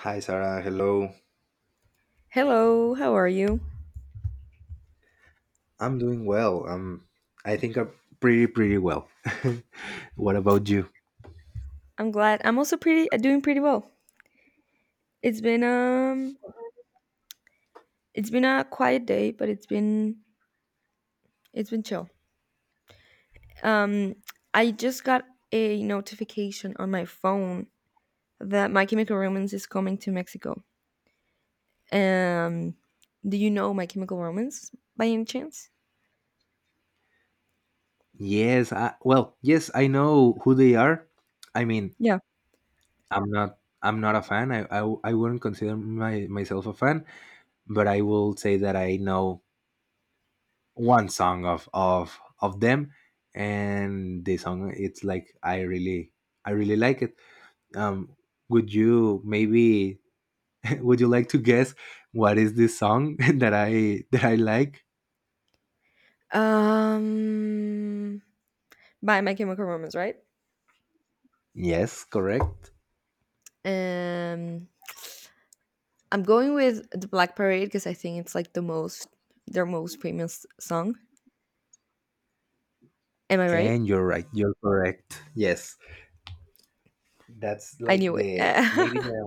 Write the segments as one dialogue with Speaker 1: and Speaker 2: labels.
Speaker 1: Hi, Sarah. Hello.
Speaker 2: Hello, how are you?
Speaker 1: I'm doing well. I think I'm pretty well. What about you?
Speaker 2: I'm glad. I'm also pretty doing pretty well. It's been um it's been a quiet day, but it's been chill. Um I just got a notification on my phone that My Chemical Romance is coming to Mexico. Um do you know My Chemical Romance by any chance?
Speaker 1: Yes. Well, yes, I know who they are. I mean,
Speaker 2: Yeah.
Speaker 1: I'm not. I'm not a fan. I wouldn't consider myself a fan, but I will say that I know one song of them, and the song it's like I really like it. Um, would you maybe Would you like to guess what is this song that I like?
Speaker 2: Um by My Chemical Romance, right?
Speaker 1: Yes, correct.
Speaker 2: Um I'm going with The Black Parade because I think it's like their most famous song. Am I right?
Speaker 1: And you're right. You're correct. Yes. That's
Speaker 2: I
Speaker 1: like
Speaker 2: knew it.
Speaker 1: the maybe the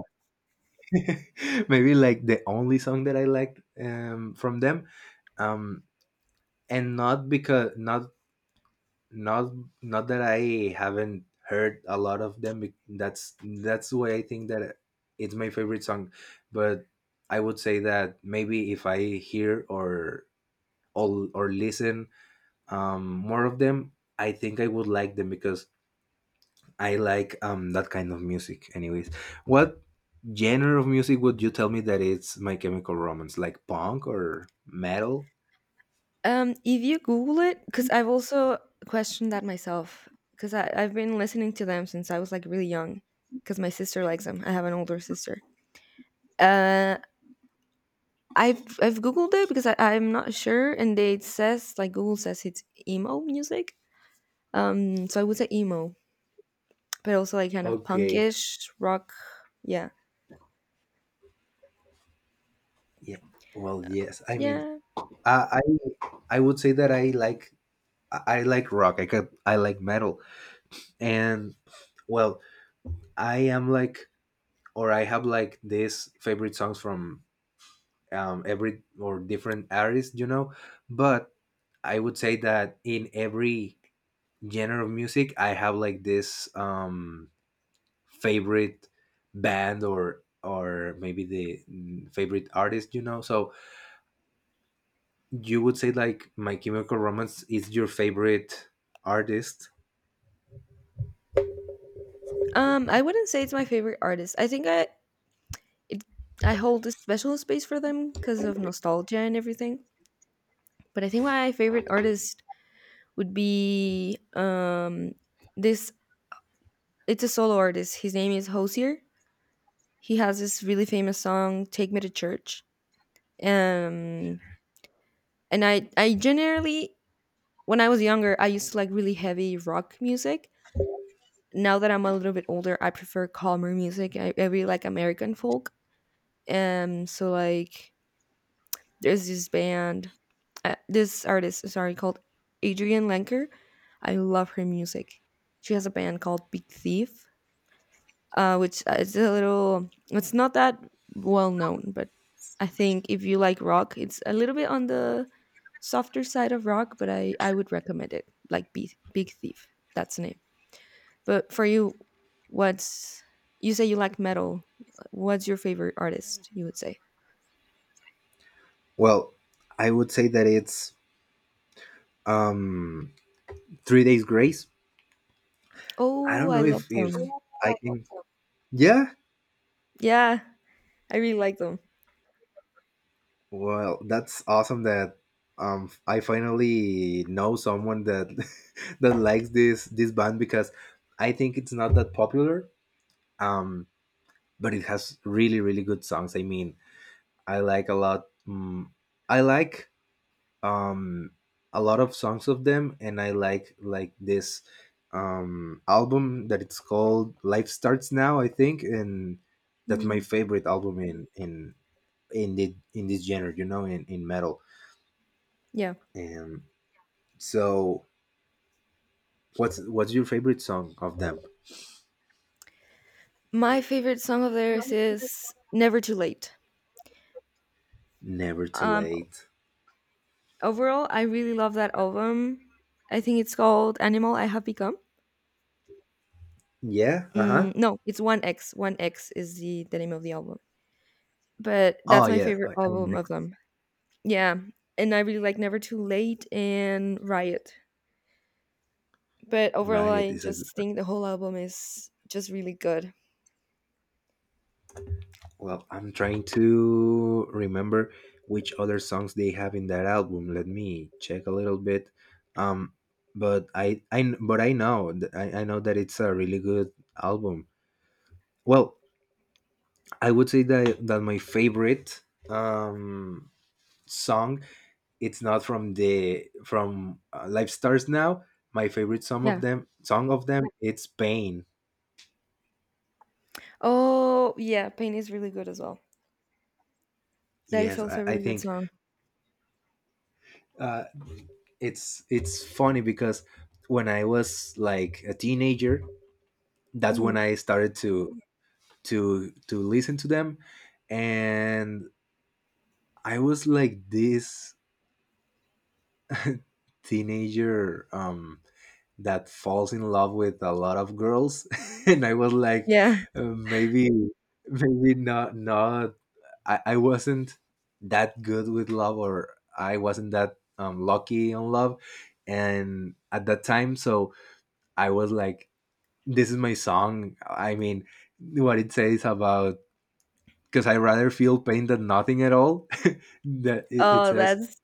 Speaker 1: maybe like the only song that I liked from them. Um and not because not not not that I haven't heard a lot of them, that's why I think that it's my favorite song, but I would say that maybe if I hear, or listen, more of them, I think I would like them because I like, that kind of music. Anyways, what genre of music would you tell me that it's My Chemical Romance, like punk or metal?
Speaker 2: If you Google it, because I've also questioned that myself, because I've been listening to them since I was like really young, because my sister likes them. I have an older sister. Uh, I've Googled it because I'm not sure, and it says like Google says it's emo music. So I would say emo, but also like kind of
Speaker 1: Okay.
Speaker 2: punkish rock. Yeah,
Speaker 1: Yeah. Well, yes, I mean,
Speaker 2: yeah.
Speaker 1: i i, I would say that I like rock. I like metal, and well, i am like I have like these favorite songs from, every or different artists, you know. But I would say that in every genre of music, I have like this, favorite band, or maybe the, favorite artist, you know. So you would say like My Chemical Romance is your favorite artist?
Speaker 2: I wouldn't say it's my favorite artist. I think it I hold a special space for them because of nostalgia and everything. But I think my favorite artist would be this it's a solo artist. His name is Hosier. He has this really famous song Take Me to Church. Um and I generally when I was younger I used to like really heavy rock music. Now that I'm a little bit older, I prefer calmer music. I really like American folk. So like there's this band, this artist, sorry, called Adrian Lenker. I love her music. She has a band called Big Thief, which is a little, it's not that well known, but I think if you like rock, it's a little bit on the softer side of rock, but I would recommend it. Like Big Thief, that's the name. But for you, what's, you say you like metal. What's your favorite artist, you would say?
Speaker 1: Well, I would say that it's, um, Three Days Grace. I
Speaker 2: Oh,
Speaker 1: don't
Speaker 2: I
Speaker 1: know
Speaker 2: love
Speaker 1: if
Speaker 2: them.
Speaker 1: I can. Yeah.
Speaker 2: Yeah, I really like them.
Speaker 1: Well, that's awesome that, I finally know someone that that likes this band, because I think it's not that popular. Um, but it has really really good songs. I mean, I like a lot. I like, um a lot of songs of them, and I like this, album that it's called Life Starts Now, I think. And that's my
Speaker 2: Mm,
Speaker 1: favorite album in this genre. You know, in metal.
Speaker 2: yeah.
Speaker 1: And so what's your favorite song of them?
Speaker 2: My favorite song of theirs is Never Too Late.
Speaker 1: Never Too
Speaker 2: Um,
Speaker 1: Late.
Speaker 2: overall, I really love that album. I think it's called Animal I Have Become.
Speaker 1: Yeah. Uh huh.
Speaker 2: Mm, no, it's 1X. 1X is the name of the album. But that's
Speaker 1: Oh
Speaker 2: my
Speaker 1: yeah.
Speaker 2: favorite
Speaker 1: I- I'm
Speaker 2: album of them. Yeah. And I really like Never Too Late and Riot. But overall,
Speaker 1: Riot
Speaker 2: I
Speaker 1: is a good-
Speaker 2: just think the whole album is just really good.
Speaker 1: well. I'm trying to remember which other songs they have in that album. Let me check a little bit. Um, but I know, I know that it's a really good album. Well, I would say that that my favorite, um song, it's not from the from Life Stars Now. My favorite
Speaker 2: Yeah.
Speaker 1: song of them, it's Pain.
Speaker 2: Oh, yeah. Pain is really good as well. That is
Speaker 1: Yes,
Speaker 2: also a
Speaker 1: I
Speaker 2: really good
Speaker 1: think,
Speaker 2: song.
Speaker 1: uh, it's funny because when I was like a teenager, that's
Speaker 2: Hmm.
Speaker 1: when I started to listen to them, and I was like this teenager, that falls in love with a lot of girls, and I was like,
Speaker 2: Yeah.
Speaker 1: maybe, maybe not not I wasn't that good with love, or I wasn't that, lucky on love, and at that time. So I was like, this is my song. I mean, what it says about, because I rather feel pain than nothing at all. That it
Speaker 2: Oh,
Speaker 1: says,
Speaker 2: that's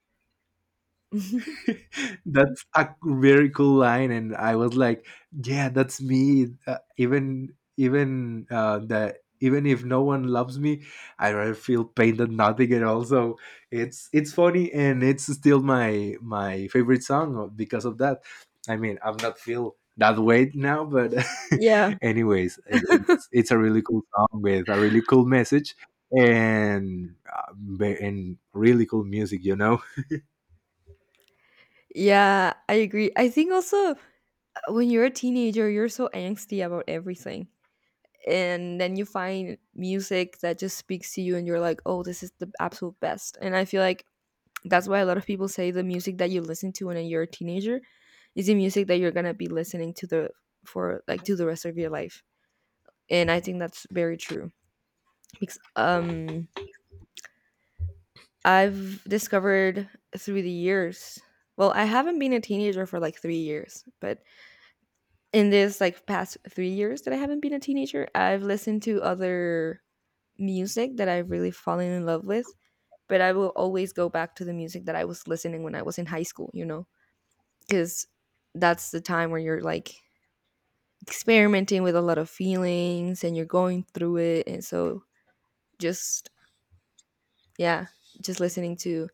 Speaker 1: that's a very cool line. And I was like, yeah, that's me. Even even the even if no one loves me, I rather feel pain than nothing at all. So it's funny, and it's still my favorite song, because of that. I mean, I'm not feel that way now, but
Speaker 2: yeah.
Speaker 1: anyways, it's a really cool song with a really cool message, and uh, and really cool music, you know.
Speaker 2: Yeah, I agree. I think also when you're a teenager, you're so angsty about everything. And then you find music that just speaks to you and you're like, "Oh, this is the absolute best." And I feel like that's why a lot of people say the music that you listen to when you're a teenager is the music that you're going to be listening to the for like to the rest of your life. And I think that's very true because I've discovered through the years. Well, I haven't been a teenager for like 3 years, but in this like past 3 years that I haven't been a teenager, I've listened to other music that I've really fallen in love with. But I will always go back to the music that I was listening when I was in high school, you know, because that's the time where you're like experimenting with a lot of feelings and you're going through it. And so just, yeah, just listening to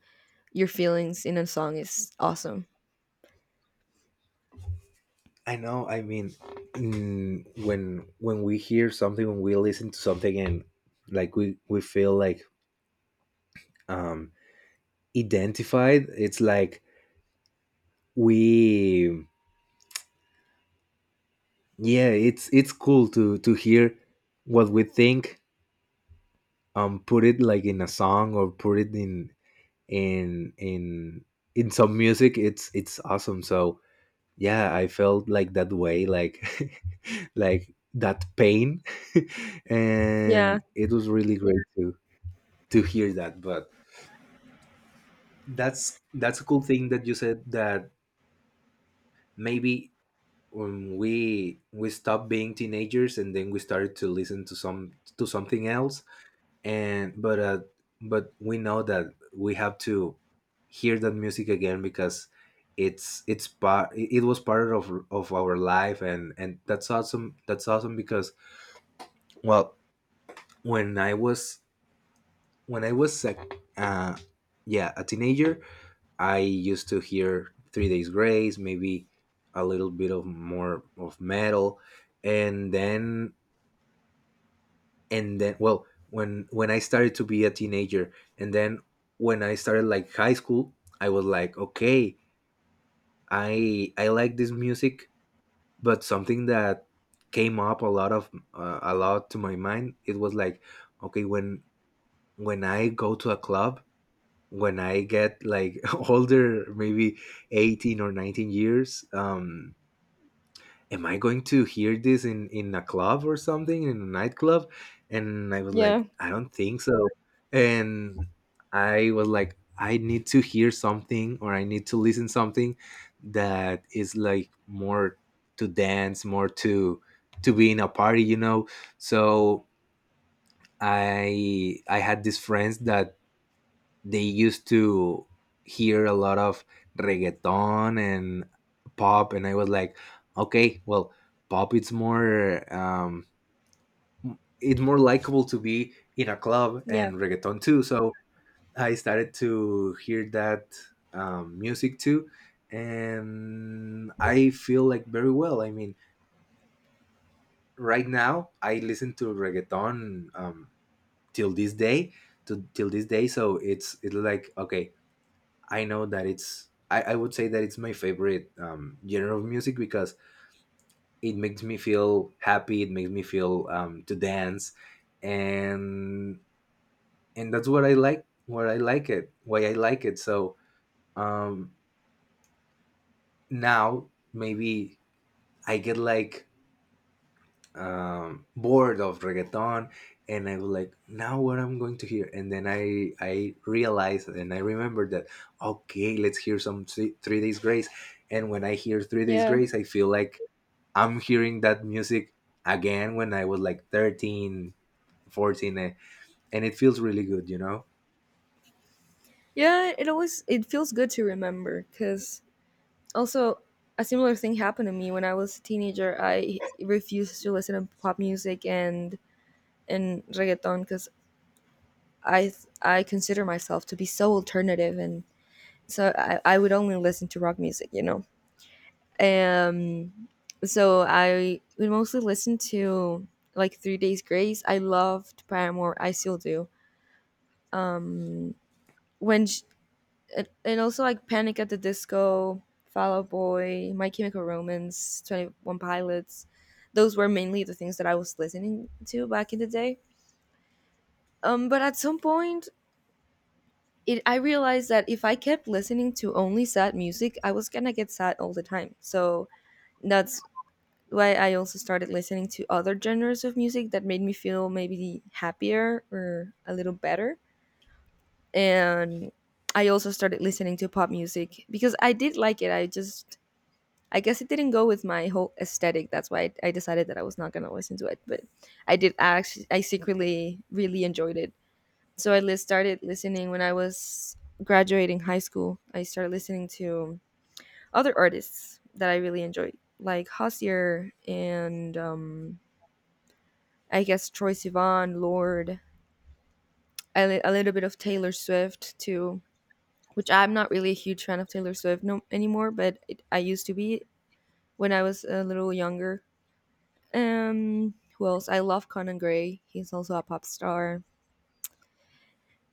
Speaker 2: your feelings in a song is awesome.
Speaker 1: I know. I mean, when we hear something, when we listen to something, and like we feel like, um identified, it's like we, yeah, it's cool to hear what we think, put it like in a song, or put it in in in some music. It's awesome. So yeah, I felt like that way, like like that pain,
Speaker 2: Yeah.
Speaker 1: and it was really great to hear that. But that's a cool thing that you said, that maybe when we stopped being teenagers, and then we started to listen to some to something else, and but, but we know that we have to hear that music again, because it was part of our life. And that's awesome. That's awesome, because, well, when i was when i was, yeah, a teenager, I used to hear Three Days Grace, maybe a little bit of more of metal. And then and then well, when I started to be a teenager, and then when I started like high school, I was like, okay, I like this music, but something that came up a lot of, a lot to my mind, it was like, okay, when I go to a club, when I get like older, maybe 18 or 19 years, am I going to hear this in a club or something, in a nightclub? And I was
Speaker 2: Yeah,
Speaker 1: like, I don't think so. And I was like, I need to hear something, or I need to listen something that is like more to dance, more to be in a party, you know. So I had these friends that they used to hear a lot of reggaeton and pop. And I was like, okay, well, pop, it's more, it's more likable to be in a club,
Speaker 2: yeah,
Speaker 1: and reggaeton too. So I started to hear that, music too. And I feel like very well. I mean, right now I listen to reggaeton, till this day, to till this day. So it's like, okay, I know that it's I would say that it's my favorite, genre of music, because it makes me feel happy. It makes me feel, to dance, and and that's what I like. What I like it, why I like it. So, um, now maybe I get like, bored of reggaeton. And I was like, now what I'm going to hear? And then I realized, and I remembered that, okay, let's hear some Three Days Grace. And when I hear Three Days
Speaker 2: yeah,
Speaker 1: Grace, I feel like I'm hearing that music again, when I was like 13, 14, and it feels really good, you know.
Speaker 2: yeah. It always it feels good to remember because also a similar thing happened to me when I was a teenager. I refused to listen to pop music and reggaeton because I I consider myself to be so alternative and so I would only listen to rock music, you know. Um, so I would mostly listen to like Three Days Grace. I loved Paramore. I still do. Um, when And also like Panic at the Disco, Fall Out Boy, My Chemical Romance, Twenty One Pilots. Those were mainly the things that I was listening to back in the day. But at some point, it I realized that if I kept listening to only sad music, I was gonna get sad all the time. So that's why I also started listening to other genres of music that made me feel maybe happier or a little better. And I also started listening to pop music because I did like it. I guess it didn't go with my whole aesthetic. That's why I decided that I was not gonna listen to it. But I did actually, I secretly really enjoyed it. So I started listening when I was graduating high school. I started listening to other artists that I really enjoyed, like Hossier and I guess Troye Sivan, Lord, a little bit of Taylor Swift too, which I'm not really a huge fan of Taylor Swift no anymore, but it, I used to be when I was a little younger. Who else? I love Conan Gray. He's also a pop star.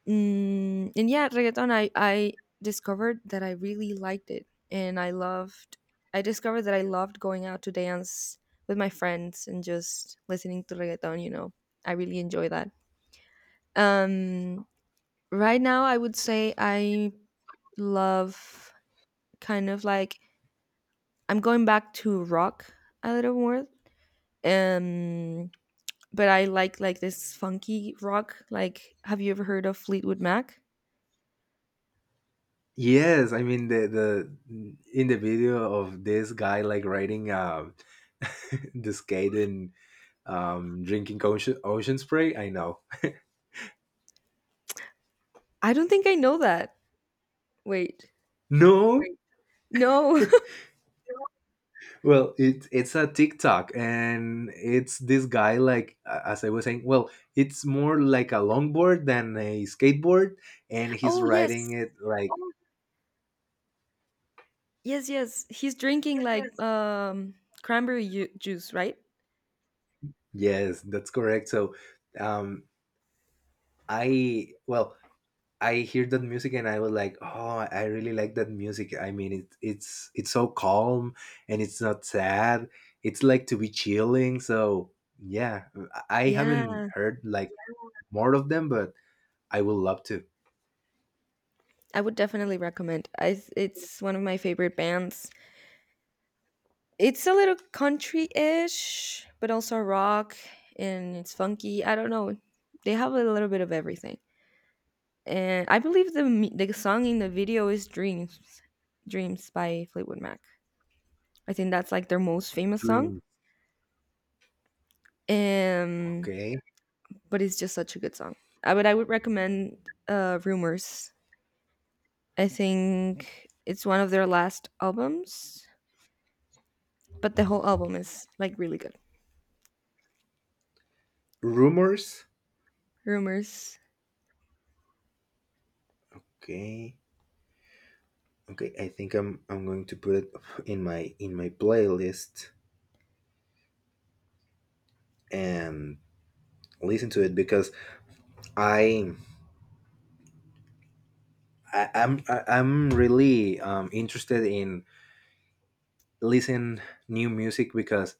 Speaker 2: And yeah, reggaeton. I discovered that I really liked it, and I loved. I discovered that I loved going out to dance with my friends and just listening to reggaeton. You know, I really enjoy that. Um, right now, I would say I love kind of like I'm going back to rock a little more. Um, but I like this funky rock. Like, have you ever heard of Fleetwood Mac?
Speaker 1: Yes, I mean, the in the video of this guy like riding, the skate, and drinking ocean spray. I know.
Speaker 2: I don't think I know that. Wait,
Speaker 1: No.
Speaker 2: no.
Speaker 1: Well, it's a TikTok, and it's this guy, like, as I was saying, well, it's more like a longboard than a skateboard, and he's
Speaker 2: Oh, yes,
Speaker 1: riding it like, oh.
Speaker 2: yes, yes. He's drinking
Speaker 1: Yes,
Speaker 2: like
Speaker 1: yes.
Speaker 2: cranberry juice, right?
Speaker 1: Yes, that's correct. So, um, well, I hear that music, and I was like, oh, I really like that music. I mean, it's so calm, and it's not sad. It's like to be chilling. So yeah, I haven't
Speaker 2: Yeah,
Speaker 1: heard like more of them, but I would love to.
Speaker 2: I would definitely recommend. I it's one of my favorite bands. It's a little country-ish, but also rock, and it's funky. I don't know. They have a little bit of everything. And I believe the the song in the video is "Dreams," "Dreams" by Fleetwood Mac. I think that's like their most famous song,
Speaker 1: Dreams.
Speaker 2: um,
Speaker 1: Okay.
Speaker 2: but it's just such a good song. I would recommend "Rumors." I think it's one of their last albums, but the whole album is like really good.
Speaker 1: Rumors.
Speaker 2: "Rumors,"
Speaker 1: Okay. Okay. I think I'm going to put it in my playlist, and listen to it because, I, I'm really, interested in listen new music, because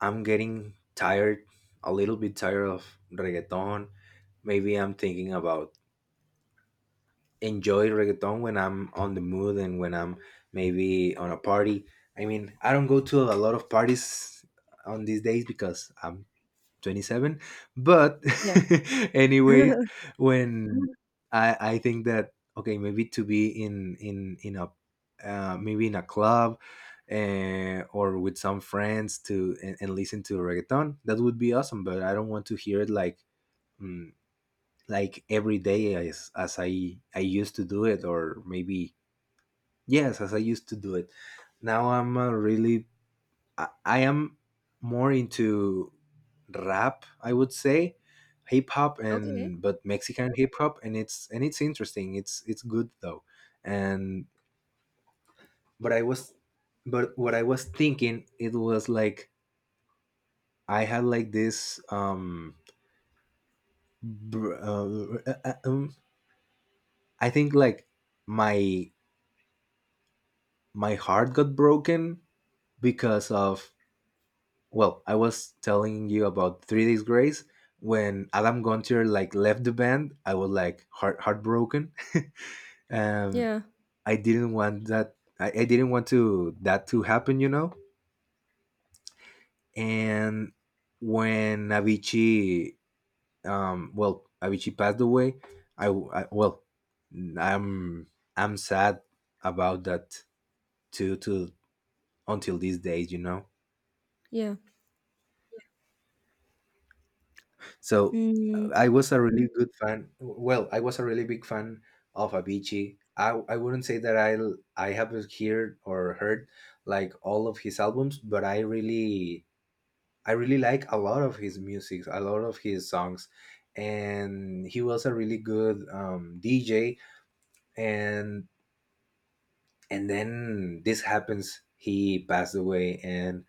Speaker 1: I'm getting tired, a little bit tired of reggaeton. Maybe I'm thinking about enjoy reggaeton when I'm on the mood, and when I'm maybe on a party. I mean, I don't go to a lot of parties on these days because I'm 27, but
Speaker 2: yeah.
Speaker 1: anyway, when I think that, okay, maybe to be in a, maybe in a club, or with some friends, to and listen to reggaeton, that would be awesome. But I don't want to hear it like, mm, like every day, as I used to do it, or maybe yes, as I used to do it. Now, I'm a really I am more into rap, I would say, hip hop,
Speaker 2: Okay.
Speaker 1: and but Mexican hip hop, and it's interesting. It's good though, and but I was but what I was thinking, it was like, I had like this, br- uh, uh, uh, um I think like my my heart got broken, because of, well, I was telling you about Three Days Grace. When Adam Gunter like left the band, I was like heartbroken. Um,
Speaker 2: Yeah.
Speaker 1: I didn't want that. I didn't want to that to happen, you know. And when Avicii, well, Avicii passed away. I Well, I'm I'm sad about that too. To Until these days, you know.
Speaker 2: Yeah.
Speaker 1: So
Speaker 2: Mm,
Speaker 1: I was a really good fan. Well, I was a really big fan of Avicii. I wouldn't say that I have heard or heard like all of his albums, but I really like a lot of his music, a lot of his songs, and he was a really good DJ. And and then this happens. He passed away, and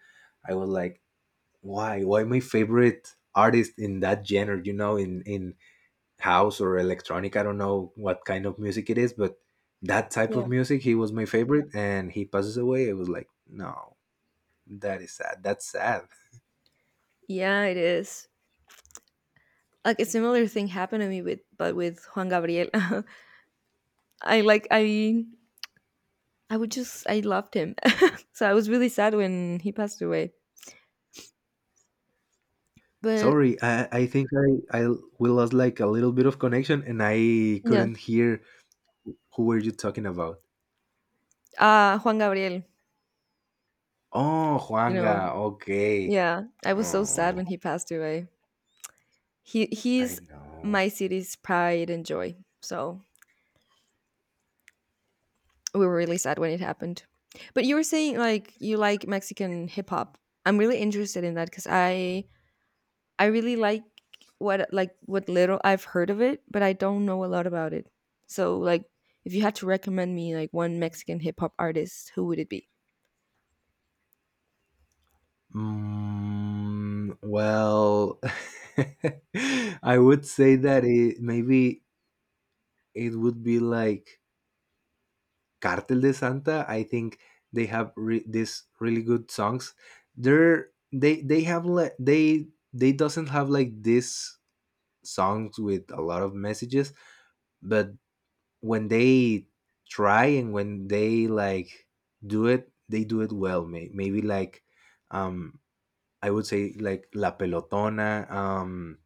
Speaker 1: I was like, why? Why my favorite artist in that genre? You know, in house or electronic. I don't know what kind of music it is, but that type of
Speaker 2: yeah.
Speaker 1: music, he was my favorite. And he passes away. I was like, no, that is sad. That's sad.
Speaker 2: Yeah, it is. Like a similar thing happened to me with, but with Juan Gabriel. I like I would just I loved him. So I was really sad when he passed away. But
Speaker 1: Sorry, I think I we lost like a little bit of connection and I
Speaker 2: yeah,
Speaker 1: couldn't hear who were you talking about.
Speaker 2: Juan Gabriel,
Speaker 1: Oh,
Speaker 2: you know.
Speaker 1: Juanga. Okay.
Speaker 2: Yeah, I was so
Speaker 1: Oh,
Speaker 2: sad when he passed away. He's
Speaker 1: I know.
Speaker 2: my city's pride and joy. So we were really sad when it happened. But you were saying like you like Mexican hip hop. I'm really interested in that cuz I really like what little I've heard of it, but I don't know a lot about it. So like if you had to recommend me like one Mexican hip hop artist, who would it be?
Speaker 1: Mm, well, I would say that it maybe it would be like Cartel de Santa. I think they have these really good songs. They have like they doesn't have like these songs with a lot of messages, but when they try and when they like do it, they do it well. Maybe like um I would say like La Pelotona,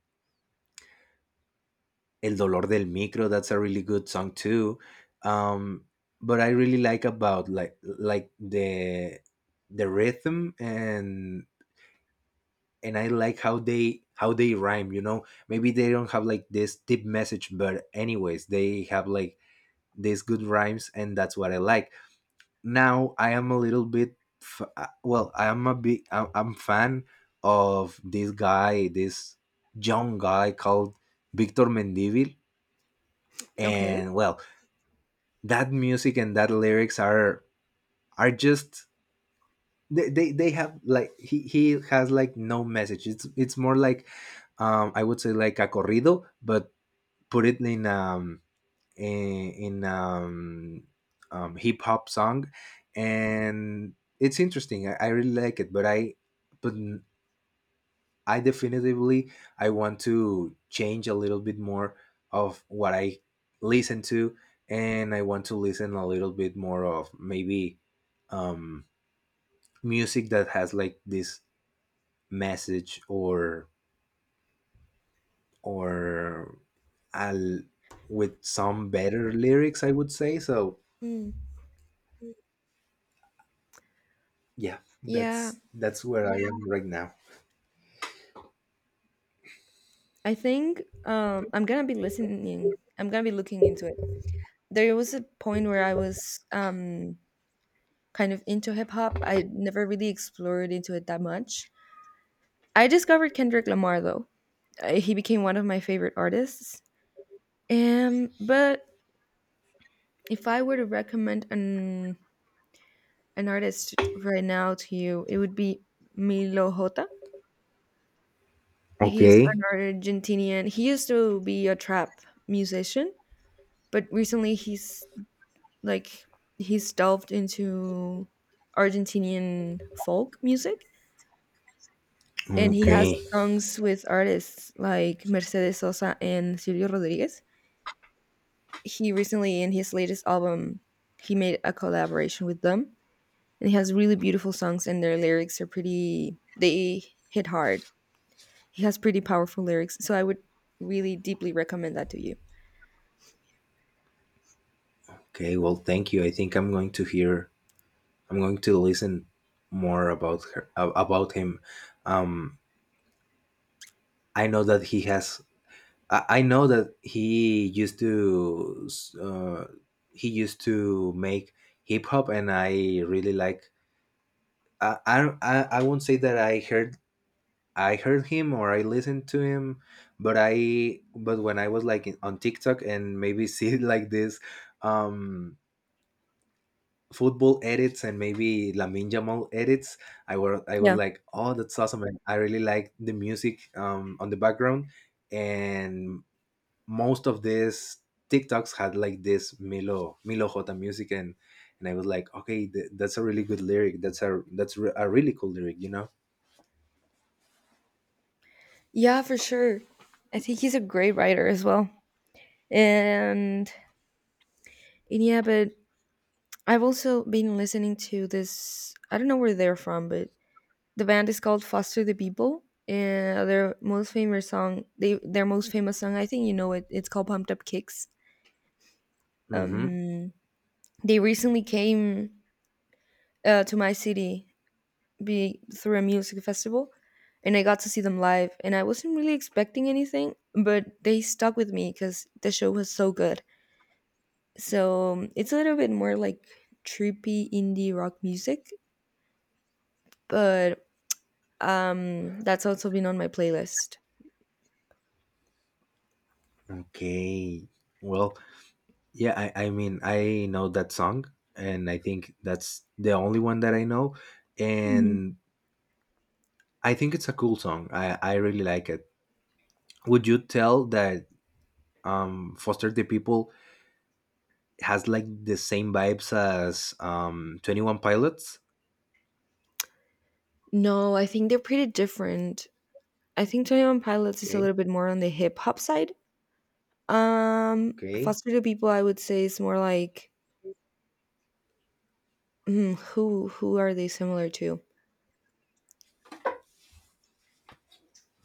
Speaker 1: El Dolor del Micro, that's a really good song too. Um, but I really like about like the rhythm and I like how they rhyme, you know. Maybe they don't have like this deep message, but anyways, they have like these good rhymes and that's what I like. Now I am a little bit well, I am a big I- I'm fan of this guy, this young guy called Victor Mendivil,
Speaker 2: Okay.
Speaker 1: and well, that music and that lyrics are just they have like he has like no message. It's more like I would say like a corrido, but put it in in, in um, hip hop song, and it's interesting. I really like it, but I definitively, I want to change a little bit more of what I listen to, and I want to listen a little bit more of maybe um, music that has like this message or al- with some better lyrics. I would say so.
Speaker 2: Mm.
Speaker 1: Yeah,
Speaker 2: Yeah,
Speaker 1: that's where I am right now.
Speaker 2: I think I'm gonna be listening. I'm gonna be looking into it. There was a point where I was kind of into hip hop. I never really explored into it that much. I discovered Kendrick Lamar though. He became one of my favorite artists. But if I were to recommend an artist right now to you, it would be Milo Hota. He's an
Speaker 1: Okay.
Speaker 2: Argentinian. He used to be a trap musician, but recently he's like he's delved into Argentinian folk music and he has
Speaker 1: Okay.
Speaker 2: songs with artists like Mercedes Sosa and Silvio Rodriguez. He recently in his latest album he made a collaboration with them and he has really beautiful songs and their lyrics are pretty they hit hard. He has pretty powerful lyrics, so I would really deeply recommend that to you.
Speaker 1: Okay. Well, thank you. I think I'm going to listen more about about him. Um, I know that he has. I know that he used to. Uh, he used to make hip hop, and I really like. I won't say that I heard him or I listened to him, but when I was like on TikTok and maybe see like this um football edits and maybe Lamin Jamal edits. I was
Speaker 2: Yeah.
Speaker 1: like, oh, that's awesome! And I really like the music on the background, and most of these TikToks had like this Milo Jota music, and I was like, okay, that's a really good lyric. That's a really cool lyric, you know.
Speaker 2: Yeah, for sure. I think he's a great writer as well. And, and yeah, but I've also been listening to this. I don't know where they're from, but the band is called Foster the People. And their most famous song, they their most famous song, I think you know it. It's called Pumped Up Kicks.
Speaker 1: Mm-hmm.
Speaker 2: Um, they recently came to my city through a music festival, and I got to see them live. And I wasn't really expecting anything, but they stuck with me because the show was so good. So it's a little bit more like trippy indie rock music, but that's also been on my playlist.
Speaker 1: Okay. Well, yeah, I mean, I know that song, and I think that's the only one that I know.
Speaker 2: Mhm.
Speaker 1: And I think it's a cool song. I really like it. Would you tell that Foster the People has like the same vibes as 21 Pilots?
Speaker 2: No, I think they're pretty different. I think Twenty One Pilots is a
Speaker 1: Okay,
Speaker 2: little bit more on the hip hop side.
Speaker 1: okay.
Speaker 2: Foster the People, I would say, is more like who are they similar to?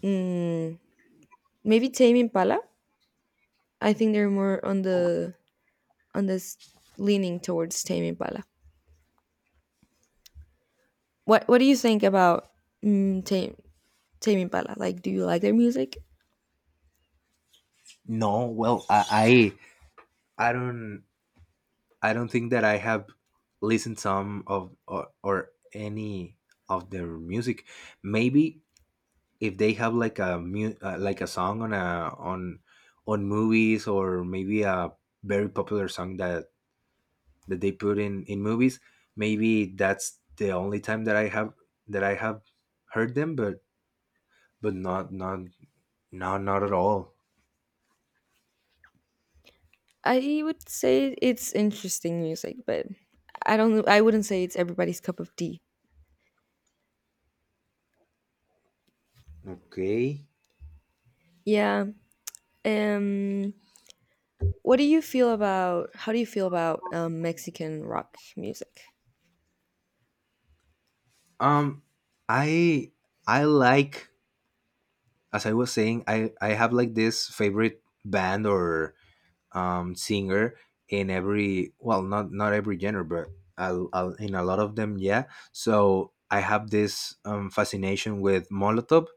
Speaker 2: Mm, Maybe Tame Impala. I think they're more on the on this leaning towards Tame Impala. What do you think about mm, Tame Tame Impala? Like, do you like their music?
Speaker 1: No, well, I don't think that I have listened some of or any of their music. Maybe if they have like like a song on a on on movies, or maybe a very popular song that they put in movies. Maybe that's the only time that I have heard them, but but not not not at all.
Speaker 2: I would say it's interesting music, but I wouldn't say it's everybody's cup of tea.
Speaker 1: Okay.
Speaker 2: Yeah. Um what do you feel about Mexican rock music?
Speaker 1: Um, I I like, as I was saying, I have like this favorite band or singer in every, well, not every genre, but in a lot of them, yeah. So I have this fascination with Molotov.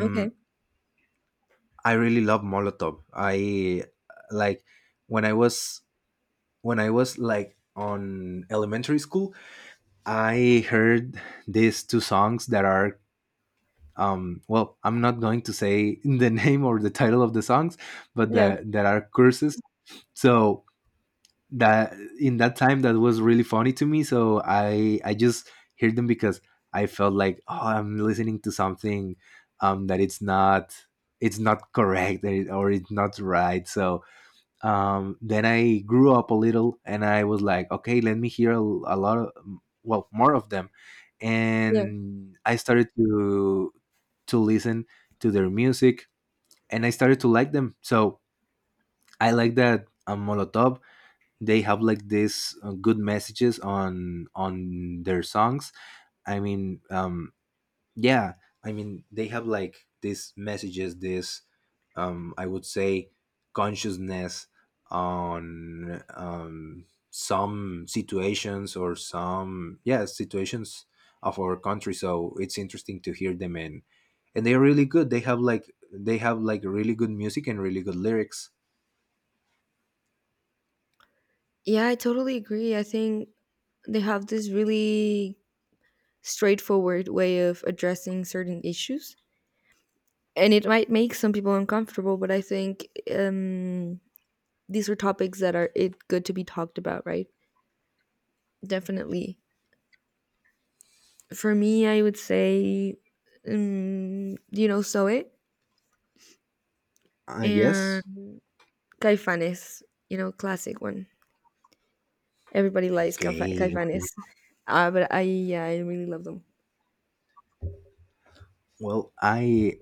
Speaker 2: Okay.
Speaker 1: I really love Molotov. I like when I was when I was like on elementary school, I heard these two songs that are well, I'm not going to say the name or the title of the songs, but
Speaker 2: Yeah.
Speaker 1: that are curses. So that in that time that was really funny to me. So I just heard them because I felt like, oh, I'm listening to something that it's not correct, or it's not right. So then I grew up a little and I was like, okay, let me hear a lot of, well, more of them.
Speaker 2: Yeah.
Speaker 1: And I started to listen to their music, and I started to like them. So I like that Molotov, they have like this good messages on their songs. I mean, yeah. They have like these messages, this I would say consciousness on some situations, or some, yeah, situations of our country. So it's interesting to hear them, and they're really good. They have like really good music and really good lyrics.
Speaker 2: Yeah, I totally agree. I think they have this really straightforward way of addressing certain issues. And it might make some people uncomfortable, but I think um, these are topics that are it good to be talked about, right? Definitely. For me, I would say, Zoe
Speaker 1: Yes.
Speaker 2: and Caifanes, you know, classic one. Everybody likes
Speaker 1: Okay,
Speaker 2: Caifanes.
Speaker 1: okay.
Speaker 2: But I really love them.
Speaker 1: Well,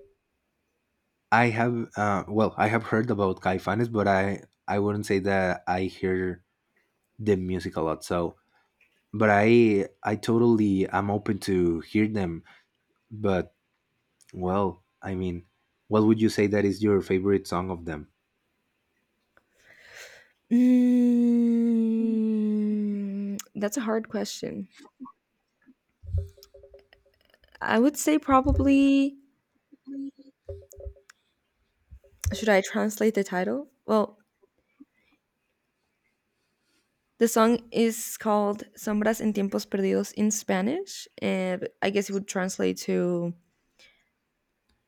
Speaker 1: I have well, I have heard about Caifanes, but I wouldn't say that I hear the music a lot. So, but I'm open to hear them. But, well, I mean, what would you say that is your favorite song of them?
Speaker 2: Mm, that's a hard question. I would say probably, should I translate the title? Well, the song is called Sombras en Tiempos Perdidos in Spanish. And I guess it would translate to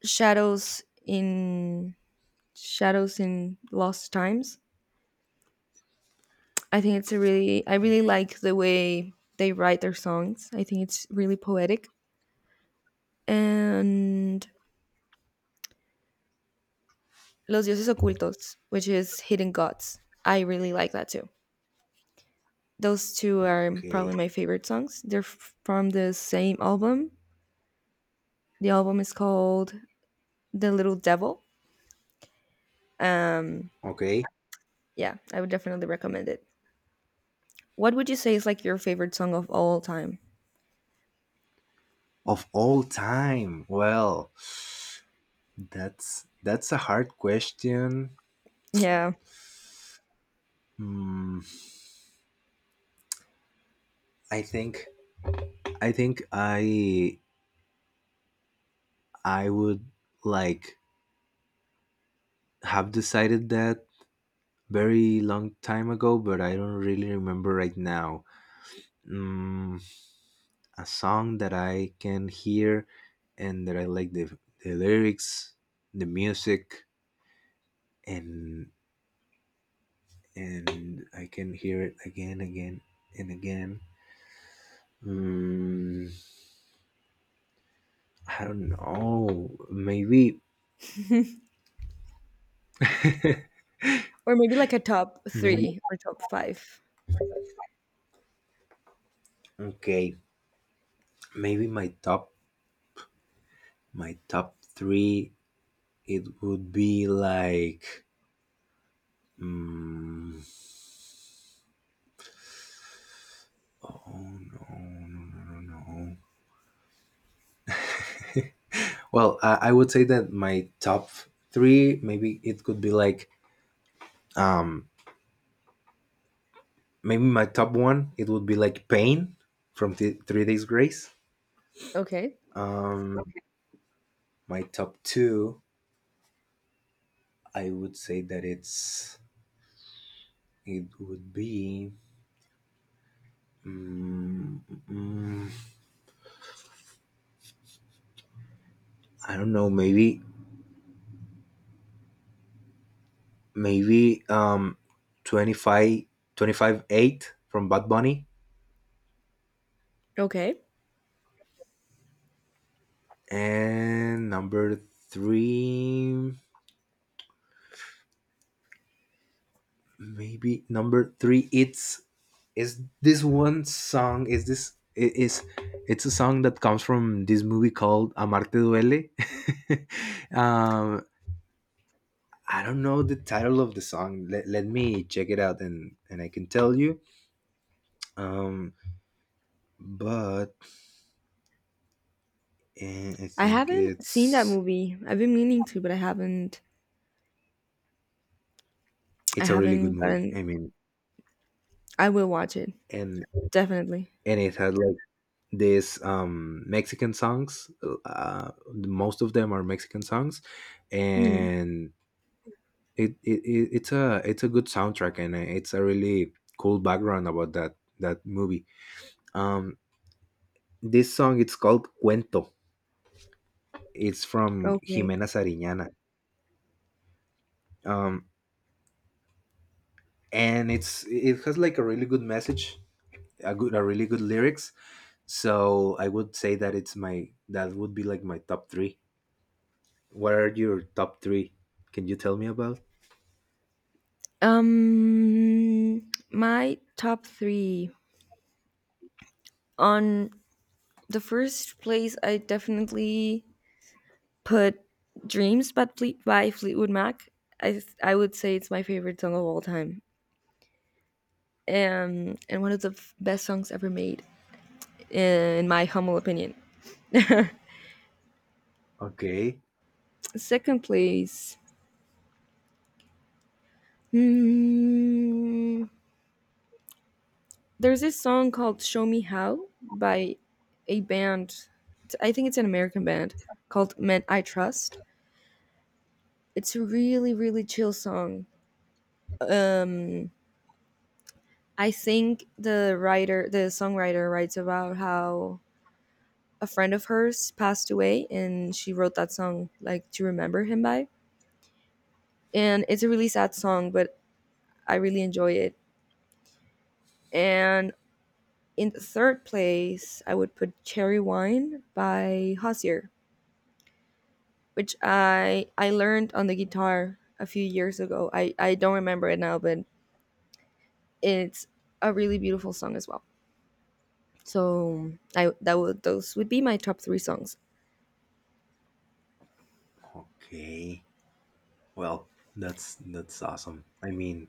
Speaker 2: Shadows in Shadows in Lost Times. I think it's a really I really like the way they write their songs. I think it's really poetic. And Los Dioses Ocultos, which is Hidden Gods. I really like that too. Those two are
Speaker 1: Okay,
Speaker 2: probably my favorite songs. From the same album. The album is called The Little Devil. Um
Speaker 1: okay,
Speaker 2: yeah, I would definitely recommend it. What would you say is like your favorite song of all time?
Speaker 1: of all time. Well, that's a hard question.
Speaker 2: Yeah.
Speaker 1: Hmm, I think I think I would like have decided that very long time ago, but I don't really remember right now. Mm, a song that I can hear and that I like the lyrics, the music, and I can hear it again, again, and again. Mm, I don't know. Maybe,
Speaker 2: Or maybe like a top
Speaker 1: maybe,
Speaker 2: 3 or top 5.
Speaker 1: okay. Maybe my top three. It would be like. Mm, oh, no, no, no, no, no. Well, I would say that my top three. Maybe it could be like. Um, Maybe my top one, it would be like Pain from Three Days Grace.
Speaker 2: Okay.
Speaker 1: Okay. My top two, I would say that it would be, mm, mm, I don't know, maybe, maybe, 25/8 from Bad Bunny.
Speaker 2: Okay.
Speaker 1: And number three, it's is this one song is this I- is it's a song that comes from this movie called Amarte Duele. um, I don't know the title of the song. Let me check it out, and I can tell you. Um, but, I
Speaker 2: I
Speaker 1: think
Speaker 2: haven't seen that movie. I've been meaning to, but I haven't I
Speaker 1: it's a really good
Speaker 2: haven't
Speaker 1: movie.
Speaker 2: gotten
Speaker 1: I mean,
Speaker 2: I will watch it.
Speaker 1: and
Speaker 2: Definitely.
Speaker 1: and it had like this Mexican songs. Most of them are Mexican songs,
Speaker 2: Hmm.
Speaker 1: and it's a good soundtrack, and it's a really cool background about that movie. um this song, it's called Cuento. It's from
Speaker 2: Okay.
Speaker 1: Jimena Sariñana. um and it has like a really good message, a really good lyrics. So I would say that it's my that would be like my top three. What are your top three? Can you tell me about?
Speaker 2: My top three. On the first place, I definitely put "Dreams" by, by Fleetwood Mac. I would say it's my favorite song of all time, and one of the best songs ever made, in my humble opinion.
Speaker 1: Okay,
Speaker 2: second place, Hmm. There's this song called "Show Me How" by a band. It's- I think it's an American band called "Men I Trust." It's a really, really chill song. Um, I think the writer, the songwriter, writes about how a friend of hers passed away, and she wrote that song like to remember him by. And it's a really sad song, but I really enjoy it. And in third place, I would put Cherry Wine by Hosier, which I learned on the guitar a few years ago. I don't remember it now, but it's a really beautiful song as well. So I that would those would be my top three songs.
Speaker 1: okay. Well, that's awesome. I mean,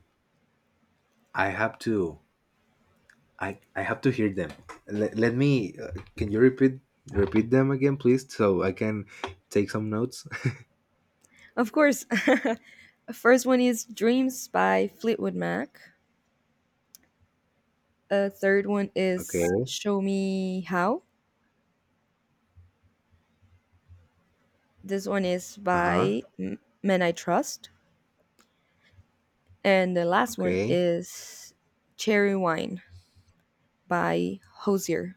Speaker 1: i have to I have to hear them. Let me. Can you repeat them again, please, so I can take some notes?
Speaker 2: Of course, first one is Dreams by Fleetwood Mac. A third one is
Speaker 1: Okay.
Speaker 2: Show Me How. This one is
Speaker 1: Uh huh.
Speaker 2: by Men I Trust, and the last one
Speaker 1: Okay.
Speaker 2: is Cherry Wine by Hosier.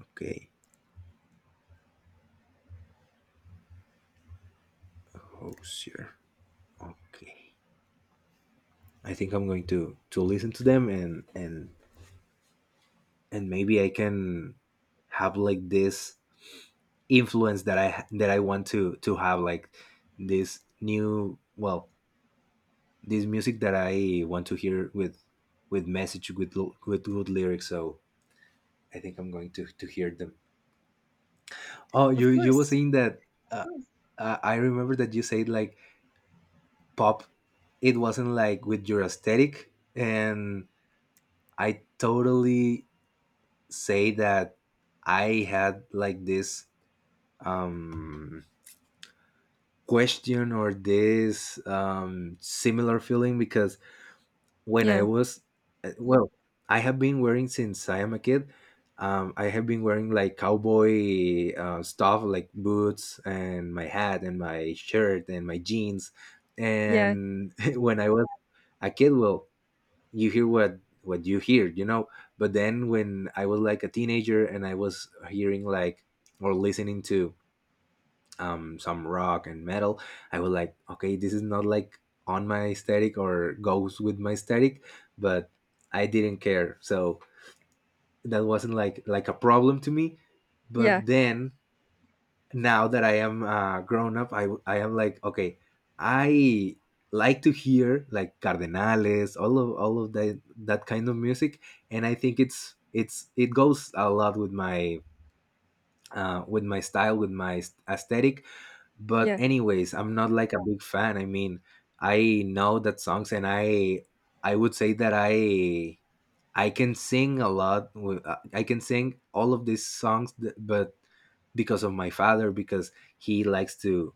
Speaker 1: Okay. Oh, sure. Okay. I think I'm going to listen to them, and and maybe I can have like this influence that I want to have like this new, well, this music that I want to hear with message, with good lyrics. So I think I'm going to hear them. Oh,
Speaker 2: Of
Speaker 1: you were
Speaker 2: course.
Speaker 1: saying that. Uh, I remember that you said like pop. It wasn't like with your aesthetic, and I totally say that I had like this um question or this similar feeling because when I
Speaker 2: Yeah.
Speaker 1: was well, I have been wearing since I am a kid. I have been wearing like cowboy stuff, like boots and my hat and my shirt and my jeans.
Speaker 2: Yeah.
Speaker 1: And when I was a kid, well, you hear what you hear, you know. But then when I was like a teenager and I was hearing like or listening to some rock and metal, I was like, okay, this is not like on my aesthetic, or goes with my aesthetic, but I didn't care, so that wasn't like a problem to me. But
Speaker 2: Yeah.
Speaker 1: then, now that I am grown up, I am like, okay, I like to hear like Cardenales, all of that kind of music. And I think it's, it goes a lot with my, with my style, with my aesthetic. But
Speaker 2: Yeah.
Speaker 1: anyways, I'm not like a big fan. I mean, I know that songs, and I would say that I can sing a lot. I can sing all of these songs, but because of my father, because he likes to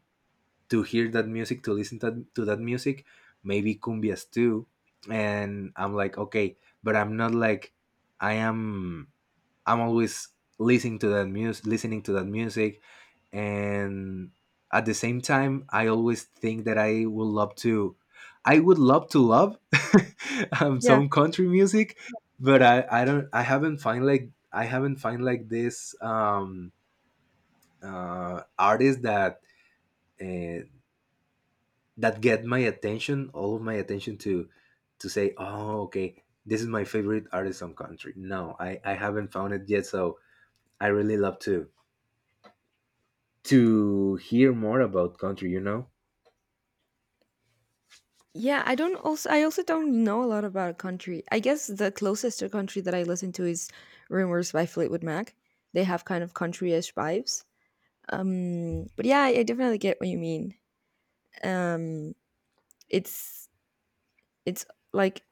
Speaker 1: to hear that music, to listen to that music, maybe cumbias too. And I'm like, okay, but I'm not like I am. I'm always listening to that music, listening to that music, and at the same time I always think that I would love to love
Speaker 2: Yeah.
Speaker 1: some country music. But I haven't find like this artist that uh, that get my attention, all of my attention, to say, oh, okay, this is my favorite artist from country. No, I haven't found it yet, so I really love to hear more about country, you know.
Speaker 2: Yeah, I also don't know a lot about a country. I guess the closest to country that I listen to is Rumors by Fleetwood Mac. They have kind of country-ish vibes. But yeah, I definitely get what you mean. Um it's it's like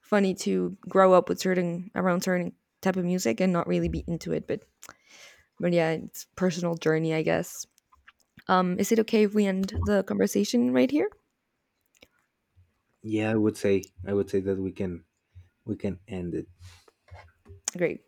Speaker 2: funny to grow up with certain around certain type of music and not really be into it, but yeah, it's personal journey, I guess. Is it okay if we end the conversation right here?
Speaker 1: Yeah, I would say that we can end it.
Speaker 2: Great.